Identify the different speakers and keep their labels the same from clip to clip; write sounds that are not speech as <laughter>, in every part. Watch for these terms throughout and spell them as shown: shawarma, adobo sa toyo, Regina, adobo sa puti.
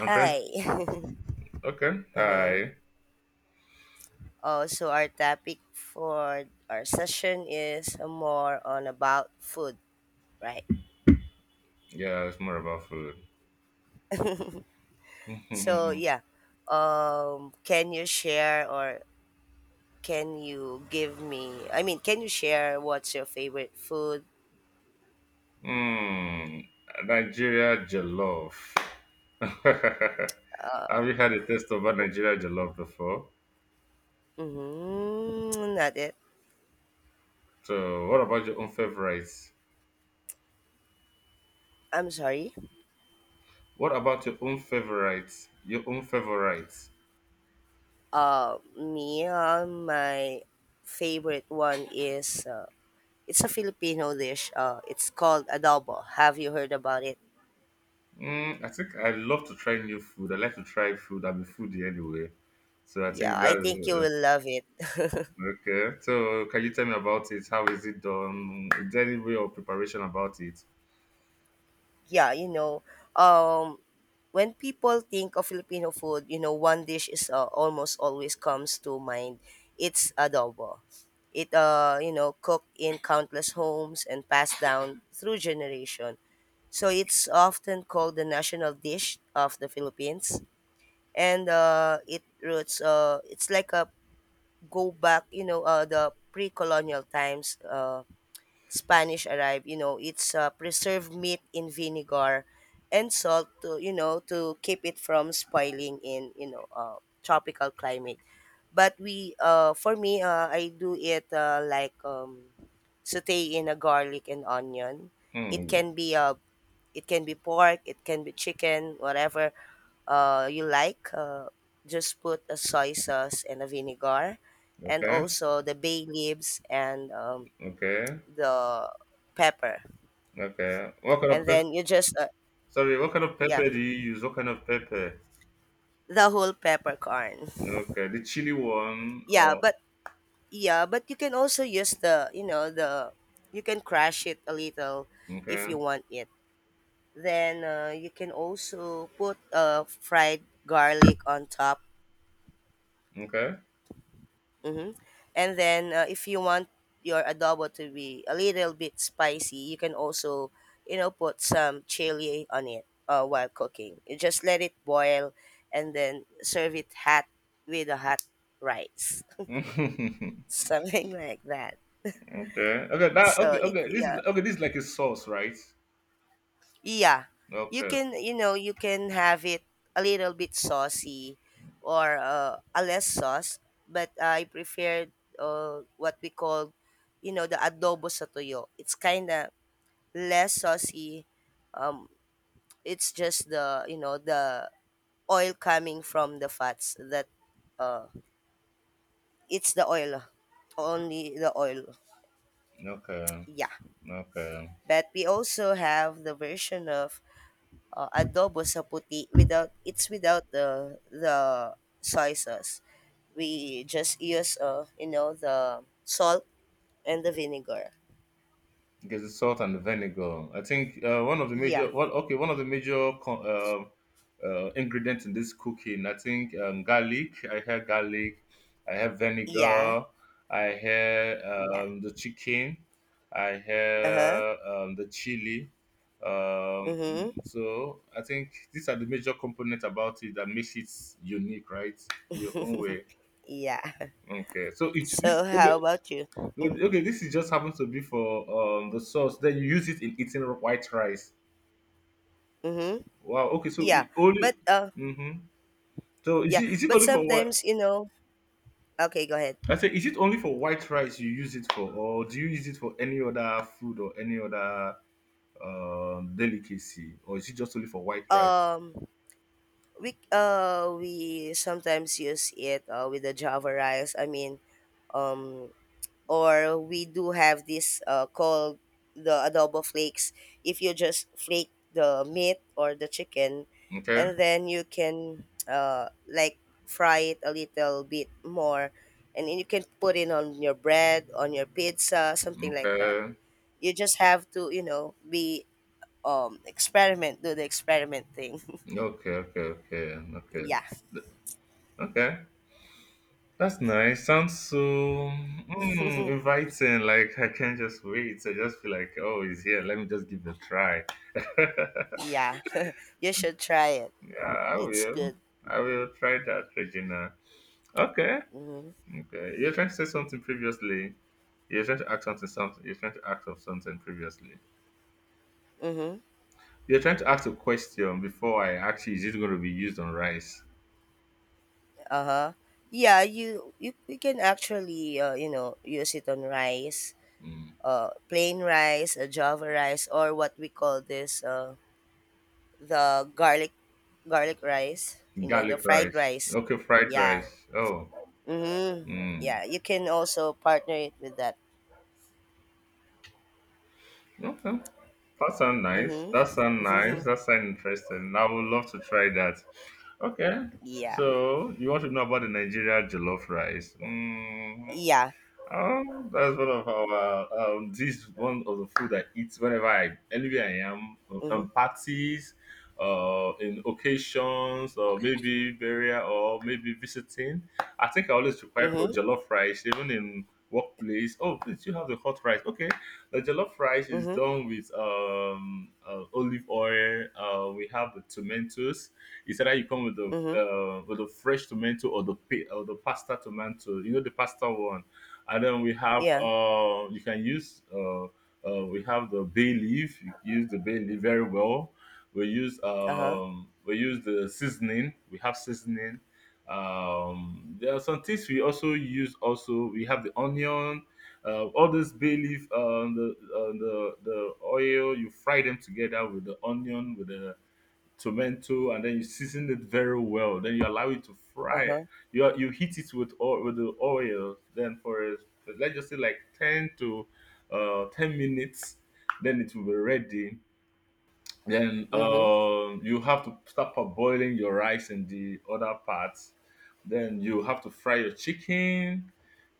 Speaker 1: I'm trying.
Speaker 2: <laughs>
Speaker 1: Okay.
Speaker 2: Uh-huh.
Speaker 1: Hi.
Speaker 2: Oh, so our topic for our session is more on about food, right?
Speaker 1: Yeah, it's more about food. <laughs>
Speaker 2: So
Speaker 1: mm,
Speaker 2: yeah, can you share or can you give me? I mean, can you share what's your favorite food?
Speaker 1: Nigeria jollof. <laughs> Have you had a taste of a Nigeria jollof before?
Speaker 2: Mm-hmm, not it.
Speaker 1: So, what about your own favorites?
Speaker 2: I'm sorry.
Speaker 1: What about your own favorites? Your own favorites?
Speaker 2: My favorite one is it's a Filipino dish. It's called adobo. Have you heard about it?
Speaker 1: I think I love to try new food. I like to try food. I'm a foodie anyway. So I
Speaker 2: Yeah,
Speaker 1: think
Speaker 2: I
Speaker 1: that's
Speaker 2: think you will love it. <laughs>
Speaker 1: okay. So can you tell me about it? How is it done? Is there any way of preparation about it?
Speaker 2: Yeah, you know, um, when people think of Filipino food, you know, one dish is almost always comes to mind. It's adobo. It you know, cooked in countless homes and passed down through generation. So it's often called the national dish of the Philippines, and it roots. It's like a go back, you know, the pre-colonial times. Spanish arrived, you know, it's preserved meat in vinegar and salt to, you know, to keep it from spoiling in, you know, tropical climate. For me, I do it like saute in a garlic and onion. It
Speaker 1: Mm,
Speaker 2: can be uh, it can be pork, it can be chicken, whatever you like. Just put a soy sauce and a vinegar, and
Speaker 1: okay,
Speaker 2: also the bay leaves and
Speaker 1: okay,
Speaker 2: the pepper
Speaker 1: okay. What kind
Speaker 2: and
Speaker 1: of pep
Speaker 2: then you just
Speaker 1: sorry, what kind of
Speaker 2: yeah,
Speaker 1: pepper do you use? What kind of pepper?
Speaker 2: the whole peppercorn.
Speaker 1: Okay, the chili one
Speaker 2: yeah
Speaker 1: or
Speaker 2: but yeah but you can also use the you know the you can crash it a little if
Speaker 1: okay,
Speaker 2: you want it, then you can also put fried garlic on top.
Speaker 1: okay.
Speaker 2: Mm-hmm. And then if you want your adobo to be a little bit spicy, you can also, you know, put some chili on it while cooking. You just let it boil and then serve it hot with a hot rice, <laughs>
Speaker 1: <laughs>
Speaker 2: something like that.
Speaker 1: Okay. Okay, that
Speaker 2: So
Speaker 1: okay,
Speaker 2: it
Speaker 1: okay. This is
Speaker 2: yeah.
Speaker 1: okay, this is like a sauce, right?
Speaker 2: Yeah, you
Speaker 1: Okay,
Speaker 2: can, you know, you can have it a little bit saucy or a less sauce, but I prefer what we call, you know, the adobo sa toyo. It's kind of less saucy. Um, it's just the, you know, the oil coming from the fats that uh, it's the oil, only the oil.
Speaker 1: okay,
Speaker 2: Yeah,
Speaker 1: okay.
Speaker 2: but we also have the version of adobo sa puti without, it's without the soy sauce. We just use you know, the salt and the vinegar.
Speaker 1: There's the salt and the vinegar. I think one of the
Speaker 2: Yeah.
Speaker 1: major, well, okay, one of the major ingredients in this cooking. I think garlic. I have garlic. I have
Speaker 2: Yeah.
Speaker 1: vinegar. I have
Speaker 2: Yeah.
Speaker 1: the chicken. I
Speaker 2: Uh-huh.
Speaker 1: have the chili.
Speaker 2: Mhm.
Speaker 1: So I think these are the major components about it that makes it unique, right? Your own way.
Speaker 2: Yeah. <laughs>
Speaker 1: Okay. So it
Speaker 2: So
Speaker 1: this okay.
Speaker 2: how about you?
Speaker 1: Okay, this is just happens to be for the sauce. Then you use it in eating white rice.
Speaker 2: Mhm.
Speaker 1: Wow. Okay, so
Speaker 2: Yeah.
Speaker 1: it only.
Speaker 2: But uh,
Speaker 1: hmm So is
Speaker 2: yeah,
Speaker 1: it
Speaker 2: but
Speaker 1: only for what?
Speaker 2: sometimes, you know, okay, go ahead.
Speaker 1: I say, is it only for white rice you use it for, or do you use it for any other food or any other delicacy, or is it just only for white rice?
Speaker 2: Um we sometimes use it with the java rice. I mean, um or we do have this called the adobo flakes, if you just flake the meat or the chicken,
Speaker 1: Okay,
Speaker 2: and then you can, like, fry it a little bit more and then you can put it on your bread, on your pizza, something like that.
Speaker 1: okay,
Speaker 2: You just have to, you know, be experiment, do the experiment thing.
Speaker 1: okay, okay, okay,
Speaker 2: <laughs>
Speaker 1: okay,
Speaker 2: Yeah.
Speaker 1: okay. That's nice. Sounds so inviting. Like I can't just wait. I just feel like, oh, he's here. Let me just give it a try.
Speaker 2: Yeah. <laughs> You should try it,
Speaker 1: Yeah, I
Speaker 2: it's
Speaker 1: will.
Speaker 2: good.
Speaker 1: I will try that, Regina. Okay.
Speaker 2: Mm-hmm.
Speaker 1: Okay. You are trying to say something previously. You are trying to ask something, something. You are trying to ask of something previously.
Speaker 2: Mm-hmm.
Speaker 1: You are trying to ask a question before I asked you, is it going to be used on rice?
Speaker 2: Uh-huh. Yeah, you can actually you know, use it on rice,
Speaker 1: Mm.
Speaker 2: plain rice, java rice, or what we call this the garlic rice. You know, the
Speaker 1: Garlic
Speaker 2: fried
Speaker 1: rice.
Speaker 2: rice.
Speaker 1: Okay, fried
Speaker 2: Yeah.
Speaker 1: rice. Oh.
Speaker 2: Mm-hmm.
Speaker 1: Mm.
Speaker 2: Yeah, you can also partner it with that.
Speaker 1: Okay. That sound nice.
Speaker 2: Mm-hmm.
Speaker 1: That sound nice.
Speaker 2: <laughs>
Speaker 1: That sound interesting. I would love to try that. Okay.
Speaker 2: Yeah.
Speaker 1: So you want to know about the Nigeria jollof rice? Mm.
Speaker 2: Yeah.
Speaker 1: That's one of our This is one of the food I eat whenever I anywhere I am
Speaker 2: Mm-hmm.
Speaker 1: parties, in occasions or maybe burial or maybe visiting. I think I always require for
Speaker 2: Mm-hmm.
Speaker 1: jollof rice even in workplace. Oh, please, you have the hot rice. Okay, the jollof rice is
Speaker 2: Mm-hmm.
Speaker 1: done with olive oil. We have the tomatoes. It's either you come
Speaker 2: Mm-hmm.
Speaker 1: with the fresh tomato or or the pasta tomato. You know the pasta one and then we have
Speaker 2: Yeah.
Speaker 1: you can use we have the bay leaf you use the bay leaf very well
Speaker 2: Uh-huh.
Speaker 1: we use the seasoning we have seasoning there are some things we also use also we have the onion all this bay leaf the oil you fry them together with the onion with the tomato and then you season it very well then you allow it to fry
Speaker 2: Uh-huh.
Speaker 1: you you heat it with oil with the oil then for let's just say like 10 to 10 minutes then it will be ready then
Speaker 2: Mm-hmm.
Speaker 1: you have to start boiling your rice in the other parts then you have to fry your chicken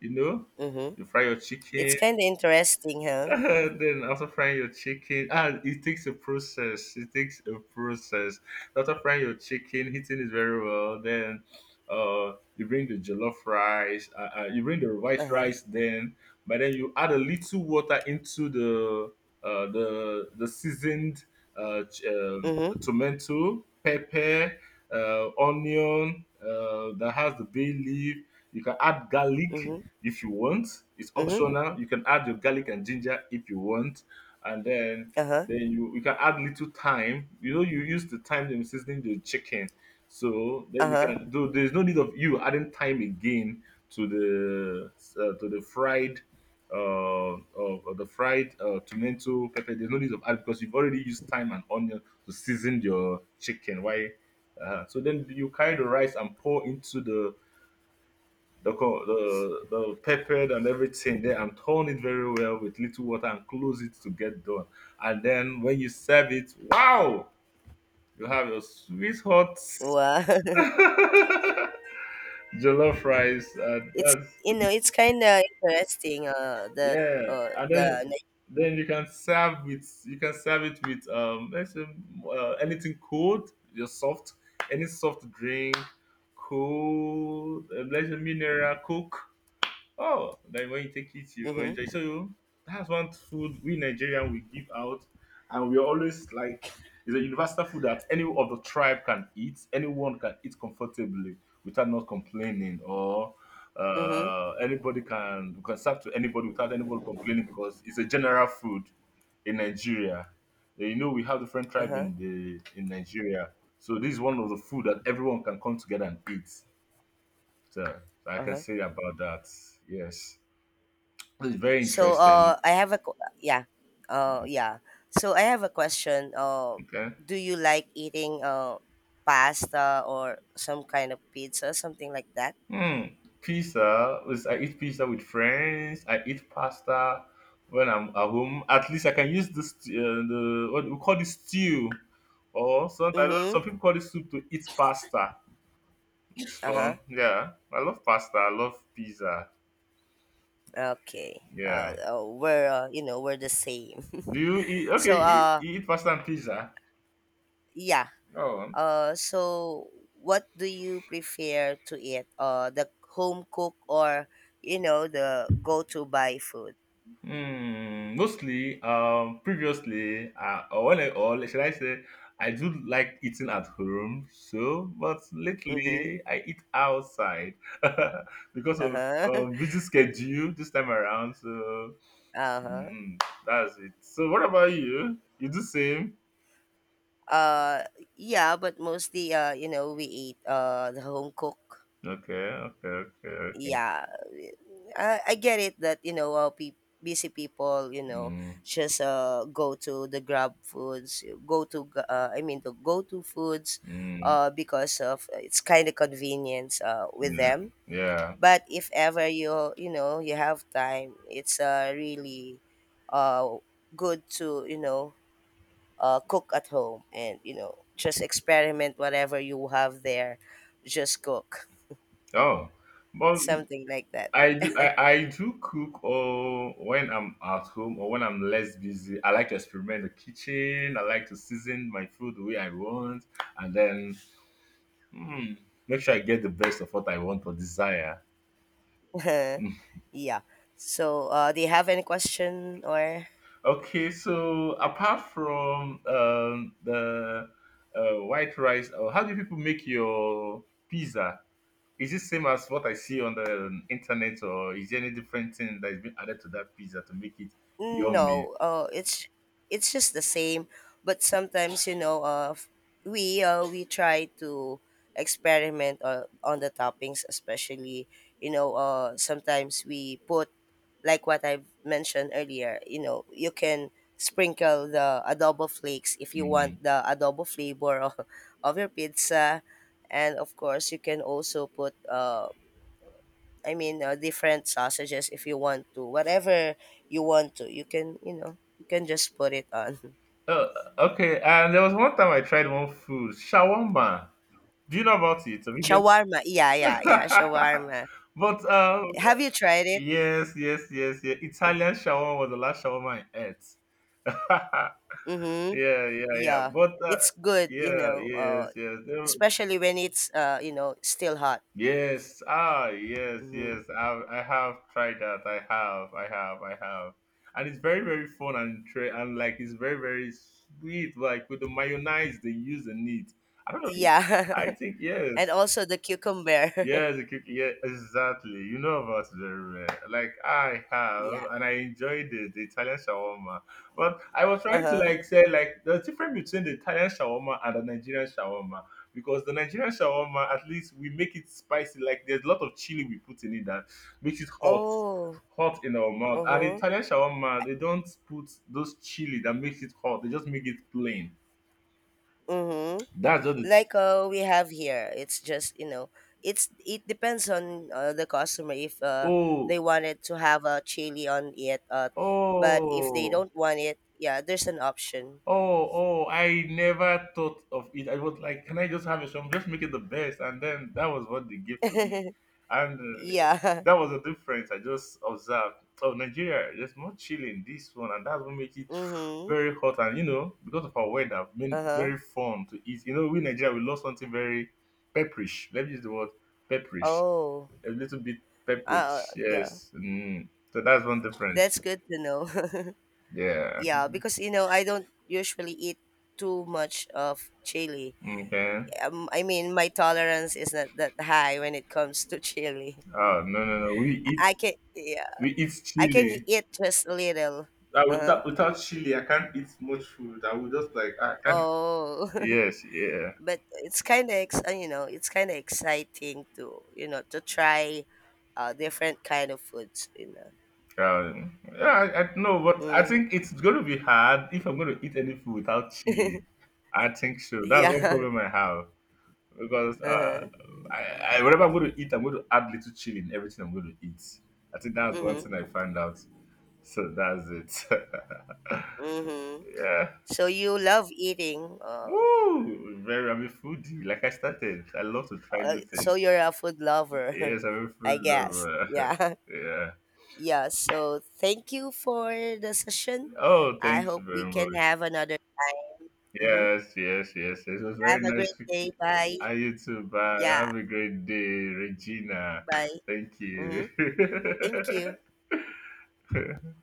Speaker 1: you know
Speaker 2: Mm-hmm.
Speaker 1: you fry your
Speaker 2: It's
Speaker 1: chicken
Speaker 2: kind of interesting,
Speaker 1: <laughs>
Speaker 2: huh?
Speaker 1: Then after frying your chicken, ah, it takes a process. It takes a process. After frying your chicken, heating it very well. Then, uh, you bring the jollof rice. You bring the white
Speaker 2: Uh-huh.
Speaker 1: rice. Then, but then you add a little water into the the seasoned uh, ch- um,
Speaker 2: Mm-hmm.
Speaker 1: tomato, pepper, onion that has the bay leaf. You can add garlic
Speaker 2: Mm-hmm.
Speaker 1: if you want. It's
Speaker 2: Mm-hmm.
Speaker 1: optional. You can add your garlic and ginger if you want, and
Speaker 2: Uh huh.
Speaker 1: then you can add little thyme. You know, you use the thyme in seasoning the chicken, so then
Speaker 2: Uh
Speaker 1: you
Speaker 2: huh.
Speaker 1: can do. There's no need of you adding thyme again to the to the fried. Of the fried tomato pepper. There's no need of add because you've already used thyme and onion to season your chicken. Why? So then you carry the rice and pour into the peppered and everything there and turn it very well with little water and close it to get done. And then when you serve it, wow, you have your sweet hot
Speaker 2: Wow. <laughs>
Speaker 1: <laughs> jollof rice. And
Speaker 2: It's,
Speaker 1: that's
Speaker 2: you know, it's kind of interesting. That
Speaker 1: yeah. And
Speaker 2: the
Speaker 1: then you can serve with you can serve it with let's say, anything cold, your soft any soft drink, cold, let's say mineral coke. Oh, then when you take it, you enjoy.
Speaker 2: Mm-hmm,
Speaker 1: So that's one food we Nigerian we give out, and we're always like it's a universal food that any of the tribe can eat. Anyone can eat comfortably without not complaining, or
Speaker 2: mm-hmm,
Speaker 1: anybody can you can serve to anybody without anybody complaining because it's a general food in Nigeria. You know we have different
Speaker 2: uh
Speaker 1: tribe
Speaker 2: huh,
Speaker 1: in the in Nigeria, so this is one of the food that everyone can come together and eat. So like I
Speaker 2: uh
Speaker 1: can
Speaker 2: huh.
Speaker 1: say about that. Yes. It's very
Speaker 2: So
Speaker 1: interesting.
Speaker 2: I have a qu- yeah, yeah. So I have a question.
Speaker 1: Okay.
Speaker 2: Do you like eating pasta or some kind of pizza, something like that?
Speaker 1: Hmm. Pizza. I eat pizza with friends. I eat pasta when I'm at home. At least I can use this the what we call this stew, or sometimes
Speaker 2: Mm-hmm.
Speaker 1: some people call it soup to eat pasta. It's
Speaker 2: Uh-huh.
Speaker 1: fun. Yeah, I love pasta. I love pizza.
Speaker 2: Okay.
Speaker 1: Yeah.
Speaker 2: We're You know, we're the same.
Speaker 1: Do you eat?
Speaker 2: <laughs>
Speaker 1: Okay,
Speaker 2: so
Speaker 1: you eat pasta and pizza.
Speaker 2: yeah.
Speaker 1: Oh.
Speaker 2: So what do you prefer to eat? The home cook or, you know, the go to buy food?
Speaker 1: Mostly, previously, or should I say, I do like eating at home. So, but
Speaker 2: Mm-hmm.
Speaker 1: lately I eat outside <laughs> because
Speaker 2: Uh
Speaker 1: of
Speaker 2: huh.
Speaker 1: busy schedule this time around. So,
Speaker 2: <laughs> Uh huh.
Speaker 1: mm, that's it. So, what about you? You do same?
Speaker 2: Uh yeah, but mostly, you know, we eat the home cook.
Speaker 1: Okay, okay, okay, okay.
Speaker 2: Yeah, I get it that, you know, busy people, you know,
Speaker 1: Mm,
Speaker 2: just go to the grab foods, go to g- I mean the go to foods,
Speaker 1: mm,
Speaker 2: because of it's kind of convenience with
Speaker 1: yeah,
Speaker 2: them,
Speaker 1: yeah.
Speaker 2: but if ever you, you know, you have time, it's really uh good to, you know, cook at home and, you know, just experiment whatever you have there, just cook,
Speaker 1: Oh, but
Speaker 2: something like that. <laughs>
Speaker 1: I do cook or when I'm at home or when I'm less busy. I like to experiment the kitchen. I like to season my food the way I want and then hmm, make sure I get the best of what I want or desire.
Speaker 2: <laughs>
Speaker 1: Hmm.
Speaker 2: Yeah. So do you have any question or
Speaker 1: Okay, so apart from the white rice, how do people make your pizza? Is it same as what I see on the internet, or is there any different thing that is being added to that pizza to make it yummy?
Speaker 2: No, it's just the same. But sometimes, you know, we try to experiment on the toppings, especially, you know, sometimes we put like what I mentioned earlier. You know, you can sprinkle the adobo flakes if you want
Speaker 1: Mm.
Speaker 2: the adobo flavor of, <laughs> of your pizza, and of course you can also put different sausages if you want to. Whatever you want to, you can, you know, you can just put it on. <laughs>
Speaker 1: Uh, okay, and there was one time I tried one food, shawarma. Do you know about it?
Speaker 2: Shawarma. Yeah, yeah, yeah,
Speaker 1: <laughs>
Speaker 2: shawarma.
Speaker 1: But
Speaker 2: Have you tried it?
Speaker 1: yes, yes, yes, yeah.
Speaker 2: Mm-hmm.
Speaker 1: Italian shawarma was the last shawarma I ate. <laughs>
Speaker 2: Mm-hmm.
Speaker 1: yeah, yeah, yeah.
Speaker 2: Yeah.
Speaker 1: But
Speaker 2: It's good, you
Speaker 1: yeah,
Speaker 2: know,
Speaker 1: yes, yes.
Speaker 2: especially when it's, you know, still hot.
Speaker 1: Yes. Ah, yes,
Speaker 2: Mm-hmm.
Speaker 1: yes. I have tried that. I have. I have. I have. And it's very, very fun and like it's very, very sweet. Like with the mayonnaise they use in it. I don't know. I
Speaker 2: Yeah.
Speaker 1: think
Speaker 2: <laughs> And
Speaker 1: yes.
Speaker 2: also the cucumber.
Speaker 1: Yes, the cookie. Yeah, exactly. You know about it very well. Like I have,
Speaker 2: <laughs> Yeah.
Speaker 1: and I enjoyed it, the Italian shawarma. But I was trying to
Speaker 2: Uh-huh.
Speaker 1: like say like the difference between the Italian shawarma and the Nigerian shawarma because the Nigerian shawarma at least we make it spicy. Like there's a lot of chili we put in it that makes it hot,
Speaker 2: Oh.
Speaker 1: hot in our mouth. And
Speaker 2: Uh-huh.
Speaker 1: Italian shawarma they don't put those chili that makes it hot. They just make it plain.
Speaker 2: Mm-hmm.
Speaker 1: That's just the,
Speaker 2: Like we have here it's just, you know, it's it depends on the customer if
Speaker 1: oh
Speaker 2: they wanted to have a chili on it, but if they
Speaker 1: oh.
Speaker 2: don't want it, yeah, there's an option.
Speaker 1: Oh, oh, I never thought of it. I was like, can I just have a shop? Just make it the best. And then that was what they gave to me. And
Speaker 2: Yeah.
Speaker 1: that was the difference. I just observed, oh, Nigeria, there's more chill in this one. And that's what makes it
Speaker 2: <laughs> Mm-hmm.
Speaker 1: very hot. And, you know, because of our weather, been
Speaker 2: Uh-huh.
Speaker 1: very fun to eat. You know, we in Nigeria, we love something very pepperish. Let me use the word pepperish.
Speaker 2: Oh.
Speaker 1: A little bit
Speaker 2: Uh
Speaker 1: pepperish.
Speaker 2: yeah,
Speaker 1: Yes. Mm. So that's one difference.
Speaker 2: that's good to know. <laughs>
Speaker 1: Yeah.
Speaker 2: Yeah, because, you know, I don't usually eat too much of chili.
Speaker 1: Okay.
Speaker 2: I mean, my tolerance is not that high when it comes to <laughs> chili.
Speaker 1: Oh no no no!
Speaker 2: I can,
Speaker 1: We eat
Speaker 2: I can
Speaker 1: chili.
Speaker 2: eat just a little.
Speaker 1: Uh,
Speaker 2: Uh-huh.
Speaker 1: without without chili, I can't eat much food. I will just like I can't.
Speaker 2: Oh,
Speaker 1: Yes, yeah.
Speaker 2: <laughs> but it's you know, it's kind of exciting to, you know, to try different kind of foods. You know.
Speaker 1: Yeah, I know, but I
Speaker 2: Mm.
Speaker 1: think it's going to be hard if I'm going to eat any food without chili. I think so. That's one
Speaker 2: Yeah.
Speaker 1: problem
Speaker 2: <laughs>
Speaker 1: I have because uh,
Speaker 2: Uh-huh.
Speaker 1: I, I, whatever I'm going to eat, I'm going to add little chili in everything I'm going to eat. I think that's one thing I
Speaker 2: Mhm.
Speaker 1: found out. So that's it.
Speaker 2: Mhm.
Speaker 1: <laughs> yeah.
Speaker 2: So you love eating. Oh.
Speaker 1: Ooh, very. I'm a foodie. Like I started, I love to try
Speaker 2: Uh,
Speaker 1: new
Speaker 2: so
Speaker 1: things.
Speaker 2: you're a food lover,
Speaker 1: Yes, I'm
Speaker 2: <laughs> I
Speaker 1: full of.
Speaker 2: guess. Yeah. <laughs>
Speaker 1: <laughs> Yeah.
Speaker 2: Yeah. So thank you for the session.
Speaker 1: Oh,
Speaker 2: I
Speaker 1: thank you
Speaker 2: hope we
Speaker 1: very
Speaker 2: can
Speaker 1: much.
Speaker 2: have another time. Mm-hmm.
Speaker 1: Yes, yes, yes, yes. It was very
Speaker 2: Have a great
Speaker 1: nice. Speaking-
Speaker 2: day. Bye.
Speaker 1: And you too. Bye.
Speaker 2: Yeah.
Speaker 1: Have a great day, Regina.
Speaker 2: Bye.
Speaker 1: <laughs> Thank
Speaker 2: Mm-hmm.
Speaker 1: you.
Speaker 2: Thank you.
Speaker 1: <laughs>